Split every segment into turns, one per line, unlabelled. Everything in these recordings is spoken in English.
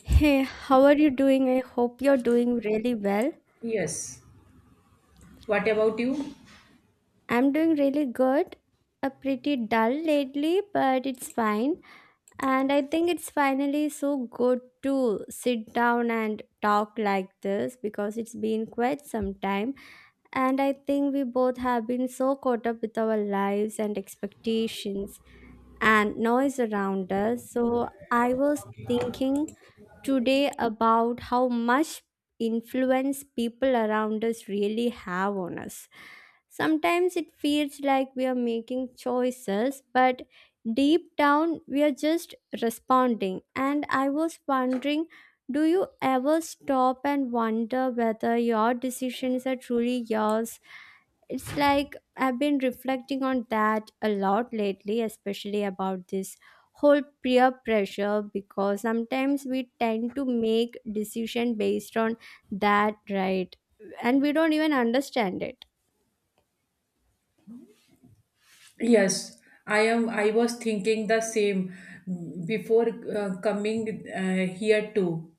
Hey, how are you doing? I hope you're doing really well.
Yes. What about you?
I'm doing really good. A pretty dull lately, but it's fine. And I think it's finally so good to sit down and talk like this because it's been quite some time. And I think we both have been so caught up with our lives and expectations and noise around us. So I was thinking today about how much influence people around us really have on us. Sometimes it feels like we are making choices, but deep down we are just responding. And I was wondering, do you ever stop and wonder whether your decisions are truly yours? It's like I've been reflecting on that a lot lately, especially about this whole peer pressure, because sometimes we tend to make decision based on that, right? And we don't even understand it.
Yes, I am. I was thinking the same before coming here too.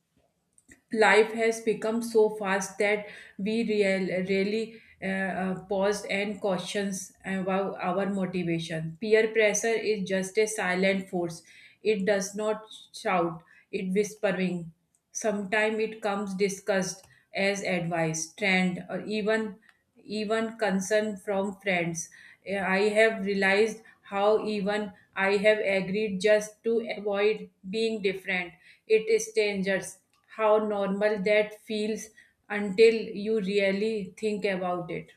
Life has become so fast that we really pause and questions about our motivation. Peer pressure is just a silent force. It does not shout, it whispering. Sometimes it comes discussed as advice, trend, or even concern from friends. I have realized how even I have agreed just to avoid being different. It is dangerous how normal that feels until you really think about it.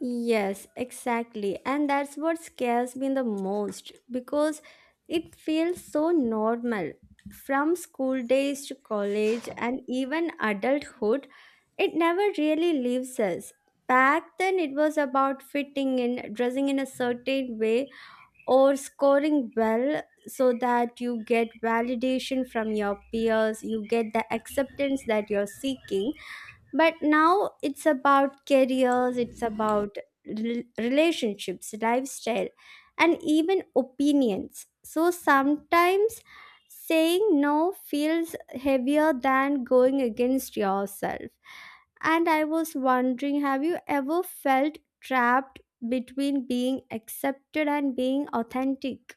Yes, exactly. And that's what scares me the most because it feels so normal. From school days to college and even adulthood, it never really leaves us. Back then, it was about fitting in, dressing in a certain way, or scoring well so that you get validation from your peers, you get the acceptance that you're seeking. But now it's about careers, it's about relationships, lifestyle, and even opinions. So sometimes saying no feels heavier than going against yourself. And I was wondering, have you ever felt trapped between being accepted and being authentic?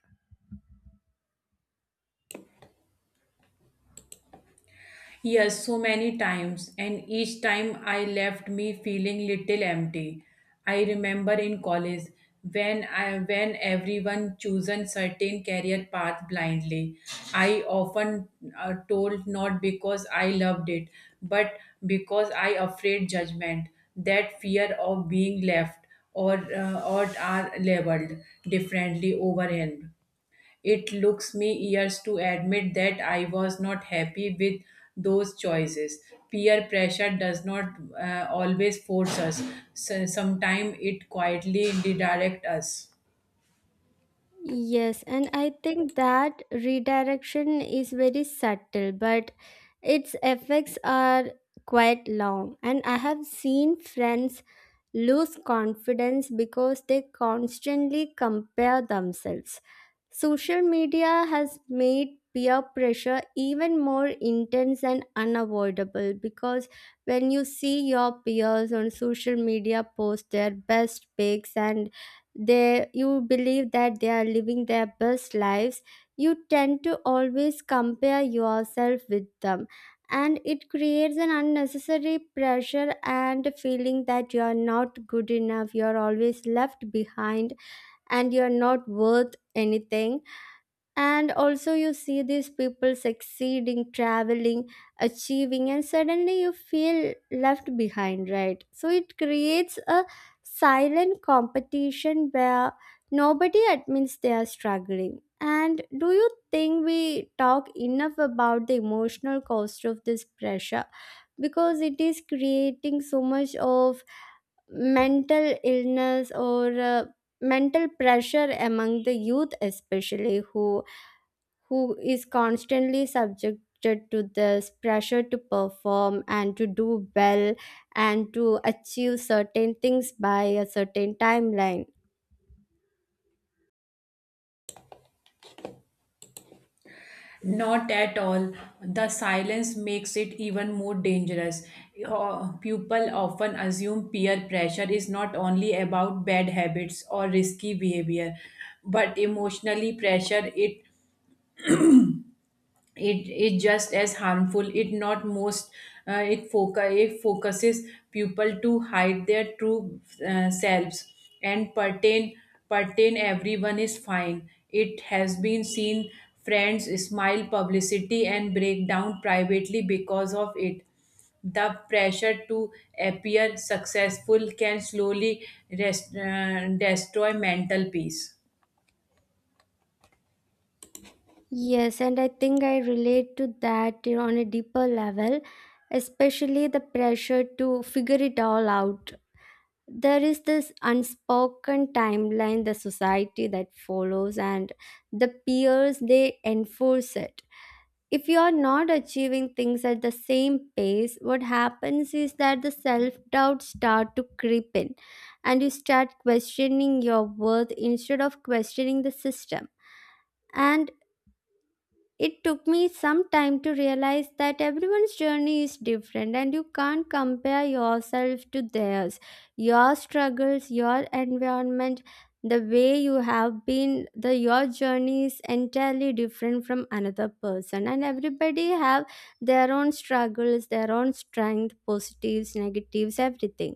Yes, so many times, and each time I left me feeling little empty. I remember in college when everyone chosen certain career path blindly. I often told not because I loved it, but because I afraid judgment. That fear of being left or or are labeled differently over him, it looks me years to admit that I was not happy with those choices. Peer pressure does not always force us. So, sometimes it quietly redirect us.
Yes, and I think that redirection is very subtle, but its effects are quite long. And I have seen friends lose confidence because they constantly compare themselves. Social media has made peer pressure even more intense and unavoidable, because when you see your peers on social media post their best pics and they you believe that they are living their best lives, you tend to always compare yourself with them, and it creates an unnecessary pressure and feeling that you are not good enough, you are always left behind, and you are not worth anything. And also you see these people succeeding, traveling, achieving, and suddenly you feel left behind, right? So it creates a silent competition where nobody admits they are struggling. And do you think we talk enough about the emotional cost of this pressure, because it is creating so much of mental illness or mental pressure among the youth, especially who is constantly subjected to this pressure to perform and to do well and to achieve certain things by a certain timeline.
Not at all. The silence makes it even more dangerous. People often assume peer pressure is not only about bad habits or risky behavior, but emotionally pressure it is just as harmful it not most, it focuses people to hide their true selves and pertain everyone is fine. It has been seen friends smile publicity and break down privately because of it. The pressure to appear successful can slowly destroy mental peace.
Yes, and I think I relate to that, you know, on a deeper level, especially the pressure to figure it all out. There is this unspoken timeline the society that follows, and the peers they enforce it. If you are not achieving things at the same pace, what happens is that the self doubt start to creep in and you start questioning your worth instead of questioning the system. And it took me some time to realize that everyone's journey is different and you can't compare yourself to theirs. Your struggles, your environment, the way you have been, the your journey is entirely different from another person, and everybody have their own struggles, their own strength, positives, negatives, everything.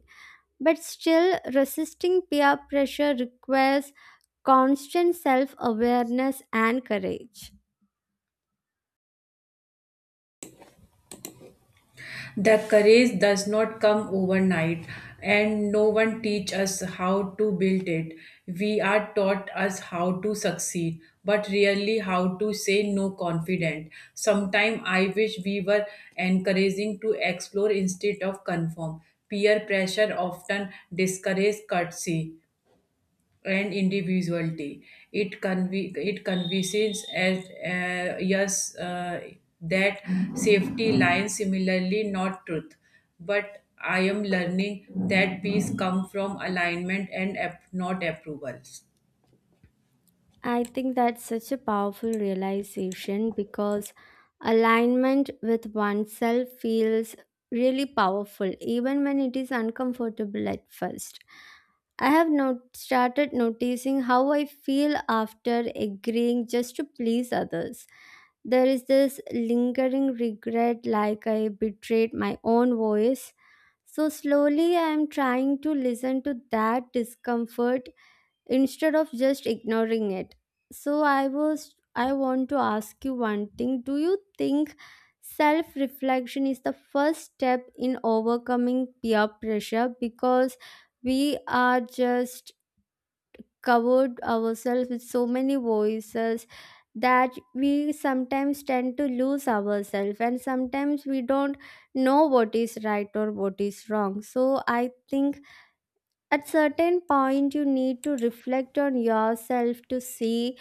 But still, resisting peer pressure requires constant self-awareness and courage.
The courage does not come overnight, and no one teach us how to build it. We are taught us how to succeed, but really how to say no confident. Sometimes I wish we were encouraging to explore instead of conform. Peer pressure often discourages courtesy and individuality. It convinces as uh, yes uh, that safety lies similarly not truth, but I am learning that peace come from alignment and not approvals.
I think that's such a powerful realization, because alignment with oneself feels really powerful, even when it is uncomfortable at first. I have not started noticing how I feel after agreeing just to please others. There is this lingering regret, like I betrayed my own voice. So, slowly, I am trying to listen to that discomfort instead of just ignoring it. So I want to ask you one thing. Do you think self reflection is the first step in overcoming peer pressure, because we are just covered ourselves with so many voices that we sometimes tend to lose ourselves, and sometimes we don't know what is right or what is wrong? So I think at certain point you need to reflect on yourself to see,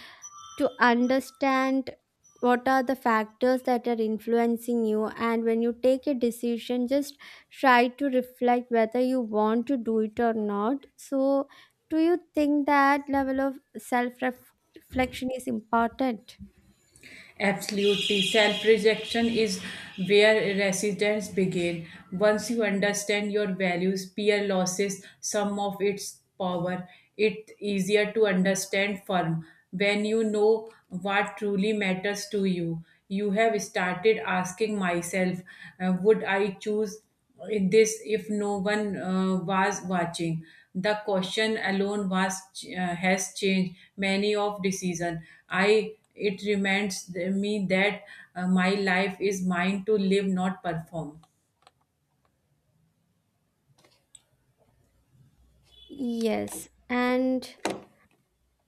to understand what are the factors that are influencing you, and when you take a decision, just try to reflect whether you want to do it or not. So do you think that level of self reflection is important?
Absolutely. Self rejection is where resistance begins. Once you understand your values, peer losses some of its power. It's easier to understand firm when you know what truly matters to you. You have started asking myself, would I choose if no one was watching. The question alone was has changed many of decision. I It reminds me that my life is mine to live not perform.
Yes, and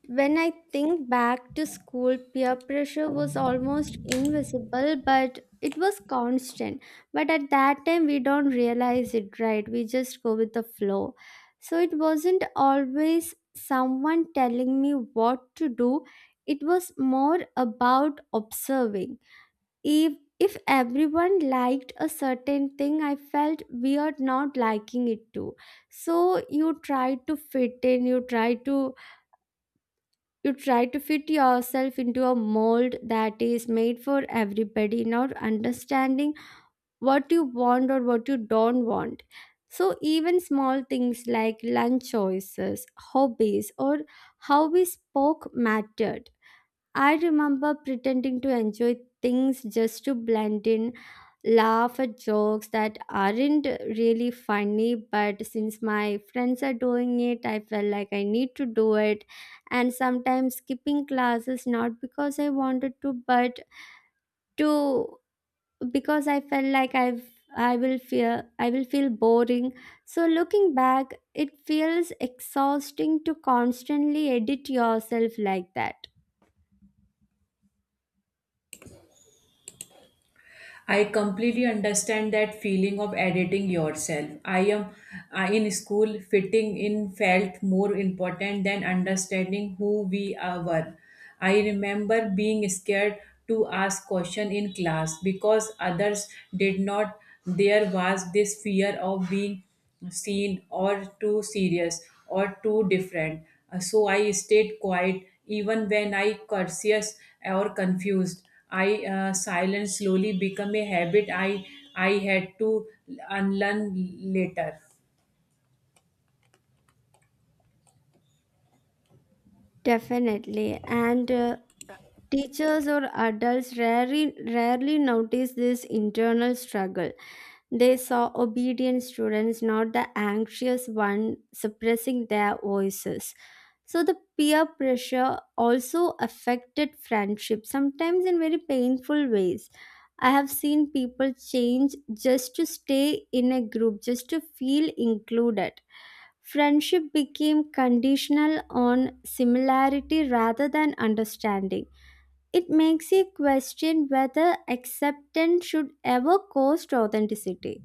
when I think back to school, peer pressure was almost invisible, but it was constant. But at that time, we don't realize it, right? We just go with the flow. So it wasn't always someone telling me what to do, it was more about observing. If if everyone liked a certain thing, I felt weird not liking it too. So you try to fit in, you try to fit yourself into a mold that is made for everybody, not understanding what you want or what you don't want. So, even small things like lunch choices, hobbies, or how we spoke mattered. I remember pretending to enjoy things just to blend in, laugh at jokes that aren't really funny, but since my friends are doing it, I felt like I need to do it. And sometimes skipping classes, not because I wanted to, but to because I felt like I will feel boring. So looking back, it feels exhausting to constantly edit yourself like that.
I completely understand that feeling of editing yourself. I am In school, fitting in felt more important than understanding who we are were. I remember being scared to ask question in class because others did not. There was this fear of being seen or too serious or too different. So I stayed quiet even when I curious or confused. I Silence slowly become a habit I had to unlearn later.
Definitely. And teachers or adults rarely notice this internal struggle. They saw obedient students, not the anxious one suppressing their voices. So the peer pressure also affected friendship, sometimes in very painful ways. I have seen people change just to stay in a group, just to feel included. Friendship became conditional on similarity rather than understanding. It makes you question whether acceptance should ever cost authenticity.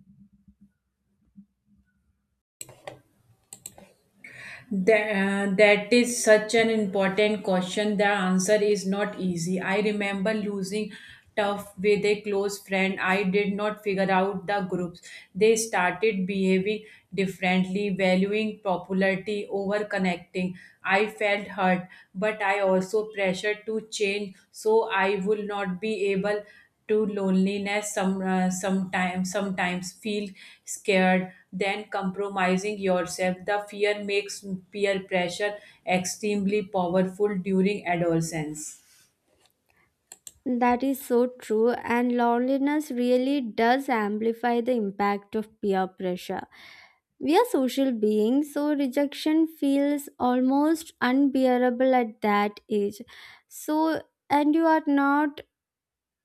That is such an important question. The answer is not easy. I remember losing tough with a close friend. I did not figure out the groups. They started behaving differently, valuing popularity over connecting. I felt hurt, but I also pressured to change so I would not be able to loneliness sometimes feel scared then compromising yourself. The fear makes peer pressure extremely powerful during adolescence.
That is so true, and loneliness really does amplify the impact of peer pressure. We are social beings, so rejection feels almost unbearable at that age. So, and you are not,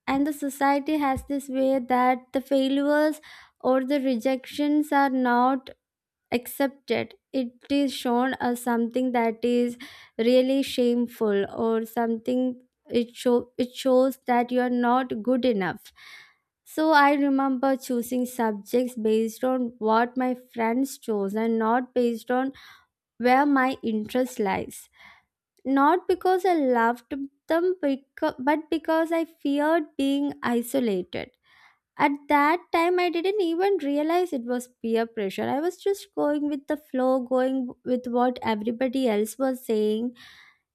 and the society has this way that the failures or the rejections are not accepted, it is shown as something that is really shameful or something. it show it shows that you are not good enough. So I remember choosing subjects based on what my friends chose and not based on where my interest lies, not because I loved them, but because I feared being isolated. At that time, I didn't even realize it was peer pressure. I was just going with the flow, going with what everybody else was saying.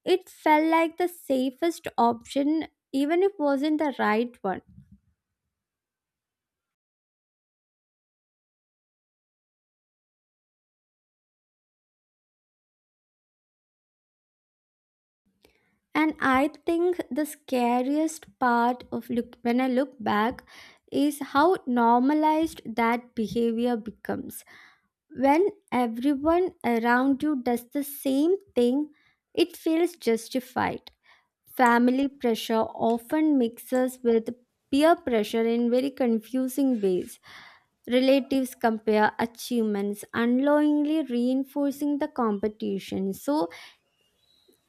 It felt like the safest option, even if it wasn't the right one. And I think the scariest part of look when I look back is how normalized that behavior becomes. When everyone around you does the same thing, it feels justified. Family pressure often mixes with peer pressure in very confusing ways. Relatives compare achievements, unknowingly reinforcing the competition. So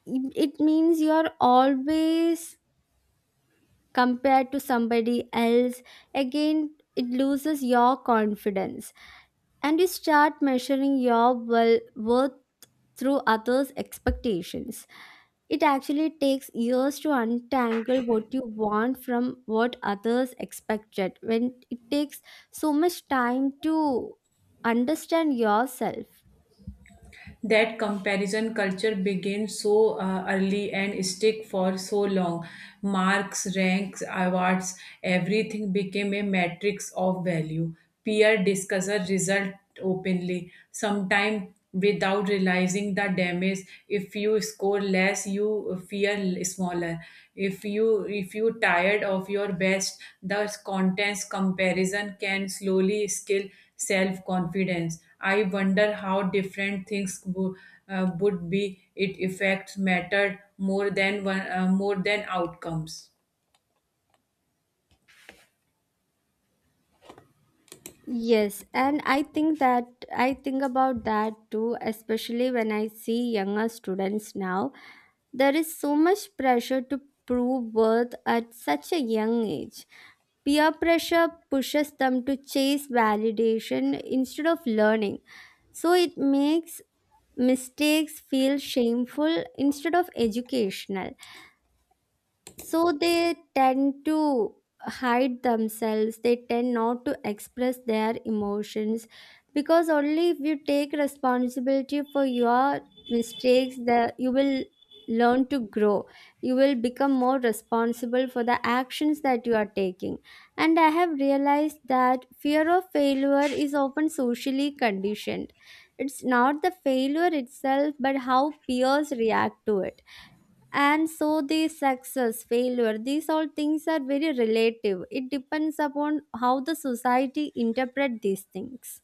it means you are always compared to somebody else. Again, it loses your confidence and you start measuring your well worth through others' expectations. It actually takes years to untangle what you want from what others expected, when it takes so much time to understand yourself.
That comparison culture begins so early and stick for so long. Marks, ranks, awards, everything became a matrix of value. Peer discusses result openly sometimes without realizing the damage. If you score less you feel smaller, if you tired of your best, the contents comparison can slowly skill self confidence. I wonder how different things would be. It effects mattered more than more than outcomes.
Yes, and I think about that too, especially when I see younger students now. There is so much pressure to prove worth at such a young age. Peer pressure pushes them to chase validation instead of learning. So it makes mistakes feel shameful instead of educational, so they tend to hide themselves, they tend not to express their emotions, because only if you take responsibility for your mistakes that you will learn to grow, you will become more responsible for the actions that you are taking. And I have realized that fear of failure is often socially conditioned. It's not the failure itself, but how peers react to it. And so the success, failure, these all things are very relative, it depends upon how the society interpret these things.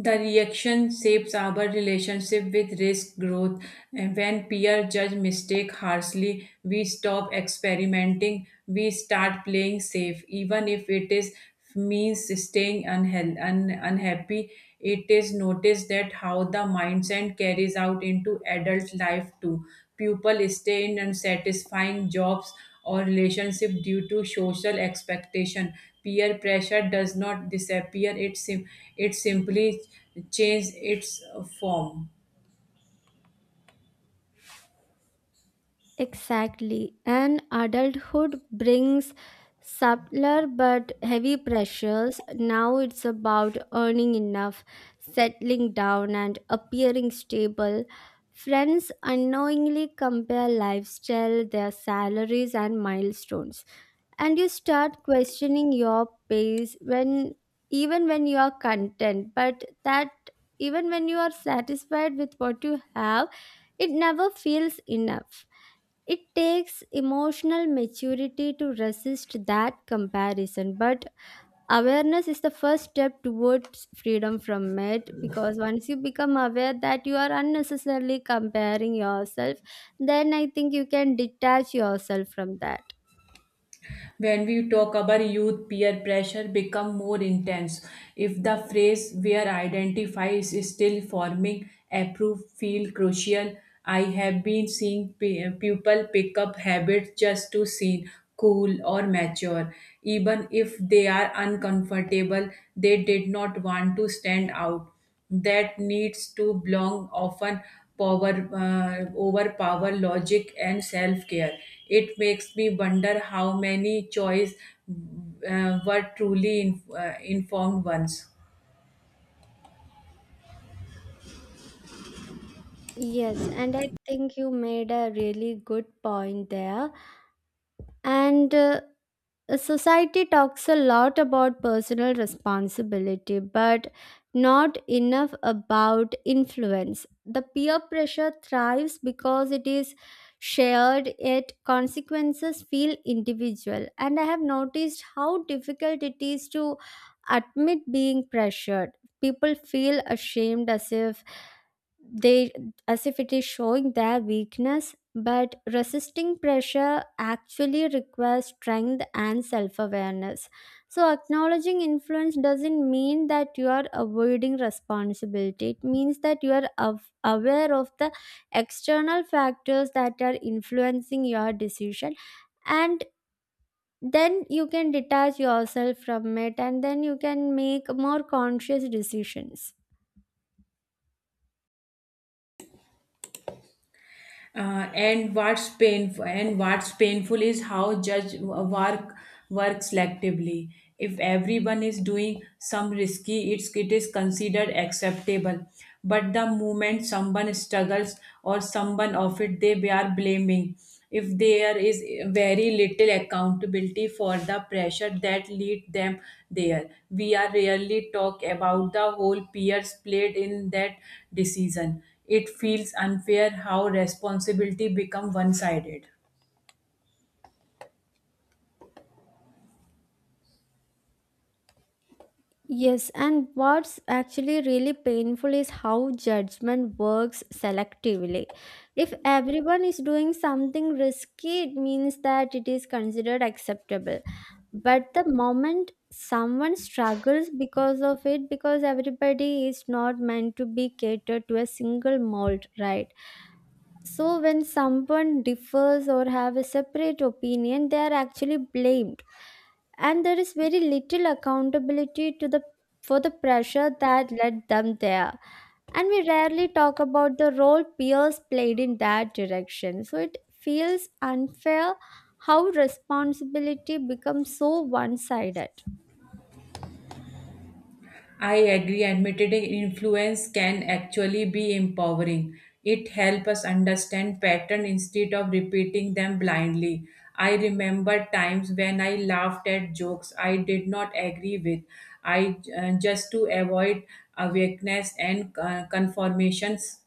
The reaction shapes our relationship with risk growth, and when peer judge mistake harshly, we stop experimenting, we start playing safe, even if it is means staying unhappy. It is noticed that how the mindset carries out into adult life too. People stay in unsatisfying jobs or relationship due to social expectation. Peer pressure does not disappear, it simply changes its form.
Exactly. And adulthood brings subtler but heavy pressures. Now it's about earning enough, settling down, and appearing stable. Friends unknowingly compare lifestyle, their salaries, and milestones, and you start questioning your pace when even when you are content, but that even when you are satisfied with what you have, it never feels enough. It takes emotional maturity to resist that comparison, but awareness is the first step towards freedom from it, because once you become aware that you are unnecessarily comparing yourself, then I think you can detach yourself from that.
When we talk about youth peer pressure become more intense, if the phrase where identify is still forming approve feel crucial. I have been seeing people pick up habits just to seem cool or mature, even if they are uncomfortable. They did not want to stand out. That needs to belong often power overpower logic and self care. It makes me wonder how many choice were truly informed ones.
Yes, and I think you made a really good point there. And society talks a lot about personal responsibility, but not enough about influence. The peer pressure thrives because it is shared, yet consequences feel individual. And I have noticed how difficult it is to admit being pressured. People feel ashamed as if they as if it is showing their weakness, but resisting pressure actually requires strength and self-awareness. So acknowledging influence doesn't mean that you are avoiding responsibility, it means that you are aware of the external factors that are influencing your decision, and then you can detach yourself from it and then you can make more conscious decisions.
And what's painful is how judge work work selectively. If everyone is doing some risky, it is considered acceptable. But the moment someone struggles or someone of it, they are blaming. If there is very little accountability for the pressure that lead them there, we are rarely talk about the whole peers played in that decision. It feels unfair how responsibility become one-sided.
Yes, and what's actually really painful is how judgment works selectively. If everyone is doing something risky, it means that it is considered acceptable. But the moment someone struggles because of it, because everybody is not meant to be catered to a single mold, right? So when someone differs or have a separate opinion, they are actually blamed, and there is very little accountability to the for the pressure that led them there, and we rarely talk about the role peers played in that direction. So it feels unfair how responsibility becomes so one-sided.
I agree, admitting influence can actually be empowering. It helps us understand patterns instead of repeating them blindly. I remember times when I laughed at jokes I did not agree with. I Just to avoid awakeness and conformations,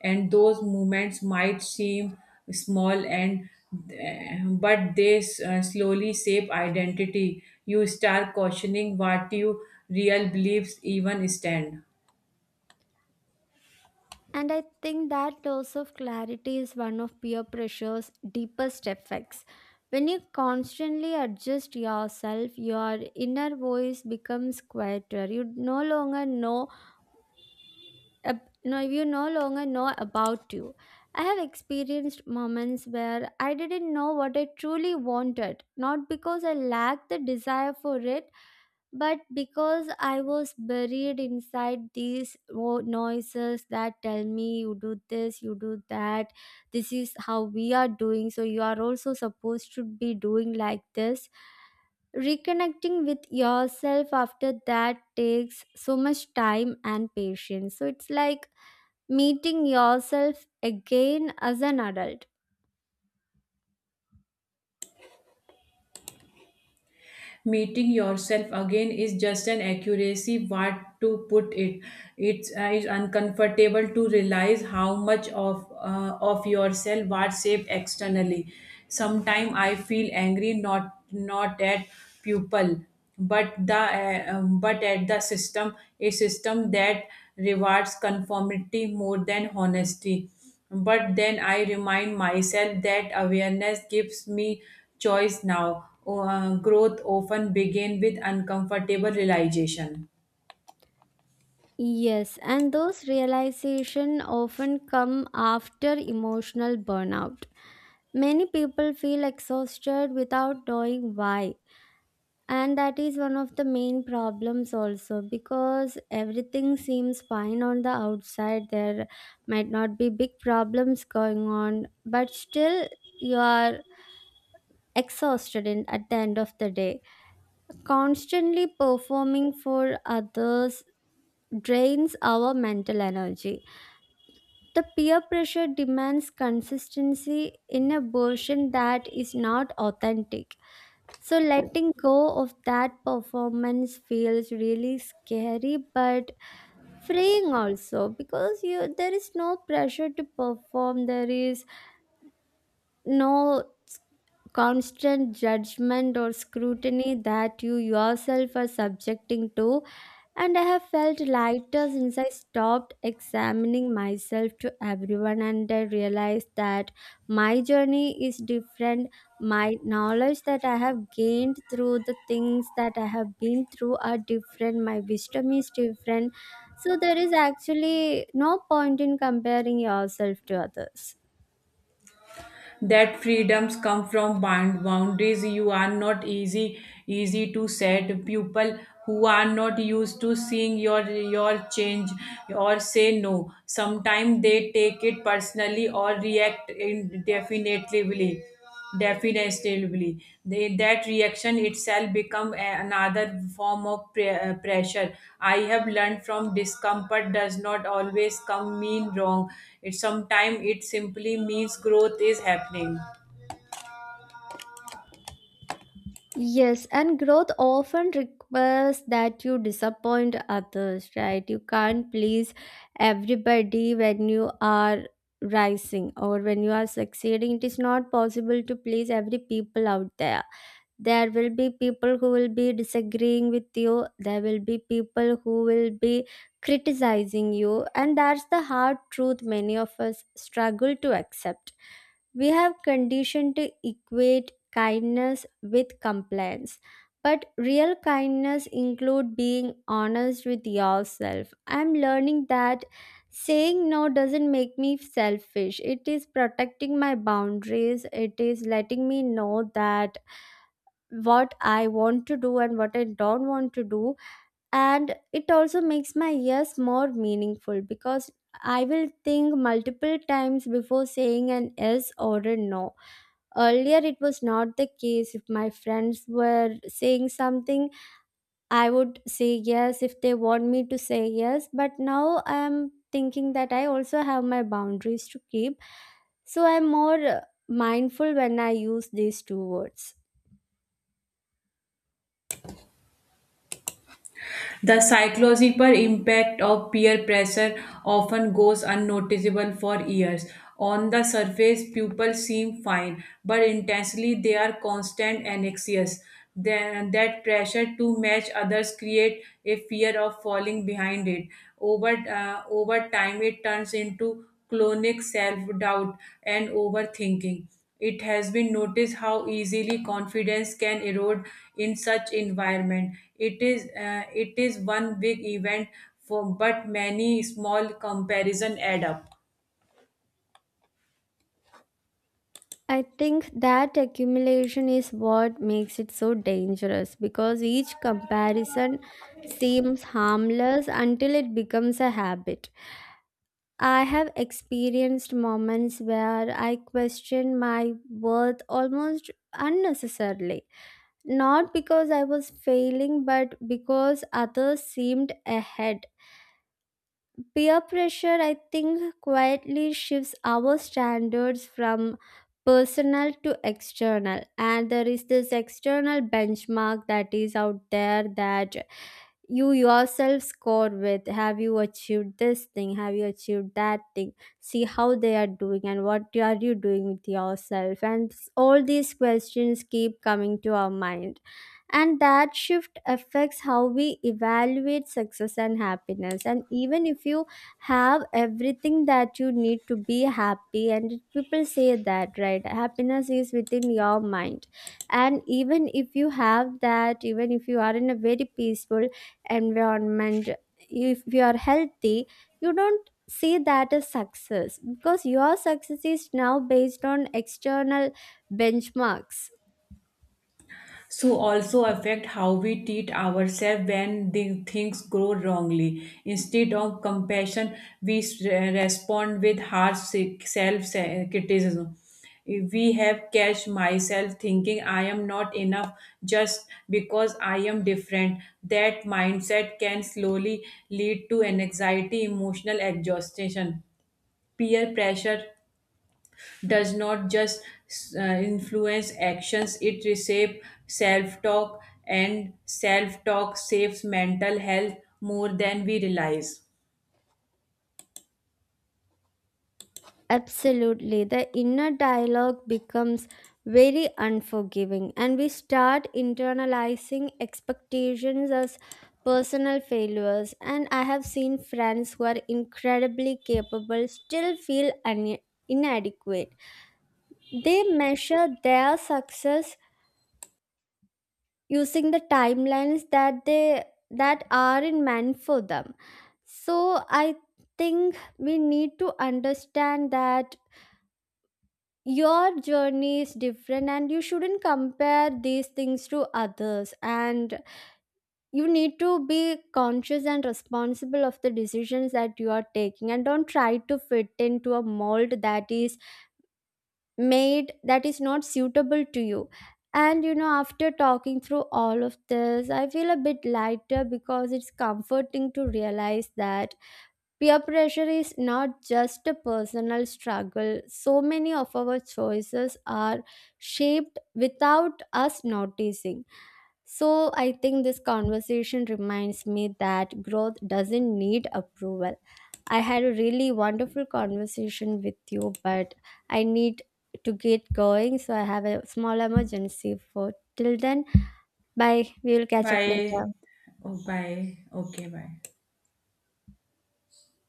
and those movements might seem small and but they slowly shape identity. You start questioning what your real beliefs even stand.
And I think that loss of clarity is one of peer pressure's deepest effects. When you constantly adjust yourself, your inner voice becomes quieter, you no longer know you no longer know about you. I have experienced moments where I didn't know what I truly wanted, not because I lacked the desire for it, but because I was buried inside these noises that tell me you do this, you do that, this is how we are doing, so you are also supposed to be doing like this. Reconnecting with yourself after that takes so much time and patience, so it's like meeting yourself again as an adult.
Meeting yourself again is just an accuracy what to put it. It's Is uncomfortable to realize how much of yourself what saved externally. Sometimes I feel angry not at pupil, but the but at the system, a system that rewards conformity more than honesty. But then I remind myself that awareness gives me choice now. Growth often begins with uncomfortable realization.
Yes, and those realization often come after emotional burnout. Many people feel exhausted without knowing why, and that is one of the main problems also, because everything seems fine on the outside. There might not be big problems going on, but still you are exhausted at the end of the day. Constantly performing for others drains our mental energy. The peer pressure demands consistency in a version that is not authentic. So letting go of that performance feels really scary but freeing also, because you, there is no pressure to perform, there is no constant judgment or scrutiny that you yourself are subjecting to, and I have felt lighter since I stopped examining myself to everyone, and I realized that my journey is different. My knowledge that I have gained through the things that I have been through are different, my wisdom is different. So, there is actually no point in comparing yourself to others.
That freedoms come from boundaries. You are not easy, to set people who are not used to seeing your change or say no. Sometimes they take it personally or react indefinitely. Definitely, that reaction itself become another form of pressure. I have learned from discomfort does not always come mean wrong. It Sometimes it simply means growth is happening.
Yes, and growth often requires that you disappoint others, right? You can't please everybody when you are rising or when you are succeeding. It is not possible to please every people out there. There will be people who will be disagreeing with you. There will be people who will be criticizing you, and that's the hard truth many of us struggle to accept. We have conditioned to equate kindness with compliance. But real kindness include being honest with yourself. I'm learning that saying no doesn't make me selfish. It is protecting my boundaries. It is letting me know that what I want to do and what I don't want to do. And it also makes my yes more meaningful, because I will think multiple times before saying an yes or a no. Earlier, it was not the case. If my friends were saying something, I would say yes if they want me to say yes. But now I'm thinking that I also have my boundaries to keep. So I'm more mindful when I use these two words.
The psychological impact of peer pressure often goes unnoticeable for years. On the surface, people seem fine, but intensely they are constant and anxious. Then that pressure to match others create a fear of falling behind it. Over time, it turns into chronic self doubt and overthinking. It has been noticed how easily confidence can erode in such environment. It is one big event for but many small comparison add up.
I think that accumulation is what makes it so dangerous, because each comparison seems harmless until it becomes a habit. I have experienced moments where I questioned my worth almost unnecessarily, not because I was failing, but because others seemed ahead. Peer pressure, I think, quietly shifts our standards from personal to external. And there is this external benchmark that is out there that you yourself score with. Have you achieved this thing? Have you achieved that thing? See how they are doing and what are you doing with yourself? And all these questions keep coming to our mind, and that shift affects how we evaluate success and happiness. And even if you have everything that you need to be happy, and people say that, right, happiness is within your mind, and even if you have that, even if you are in a very peaceful environment, if you are healthy, you don't see that as success because your success is now based on external benchmarks.
So also affect how we treat ourselves when the things go wrongly, instead of compassion we respond with harsh self criticism. We have catch myself thinking I am not enough just because I am different. That mindset can slowly lead to an anxiety emotional exhaustion. Peer pressure does not just uh, influence actions, it reshapes self-talk, and self-talk saves mental health more than we realize.
Absolutely. The inner dialogue becomes very unforgiving, and we start internalizing expectations as personal failures. And I have seen friends who are incredibly capable still feel inadequate. They measure their success using the timelines that they that aren't meant for them. So I think we need to understand that your journey is different, and you shouldn't compare these things to others, and you need to be conscious and responsible of the decisions that you are taking, and don't try to fit into a mold that is made that is not suitable to you. And you know, after talking through all of this, I feel a bit lighter, because it's comforting to realize that peer pressure is not just a personal struggle. So many of our choices are shaped without us noticing. So, I think this conversation reminds me that growth doesn't need approval. I had a really wonderful conversation with you, but I need to get going. So, I have a small emergency for till then. Bye. We will catch up
Bye.
later.
Oh, bye, okay, bye.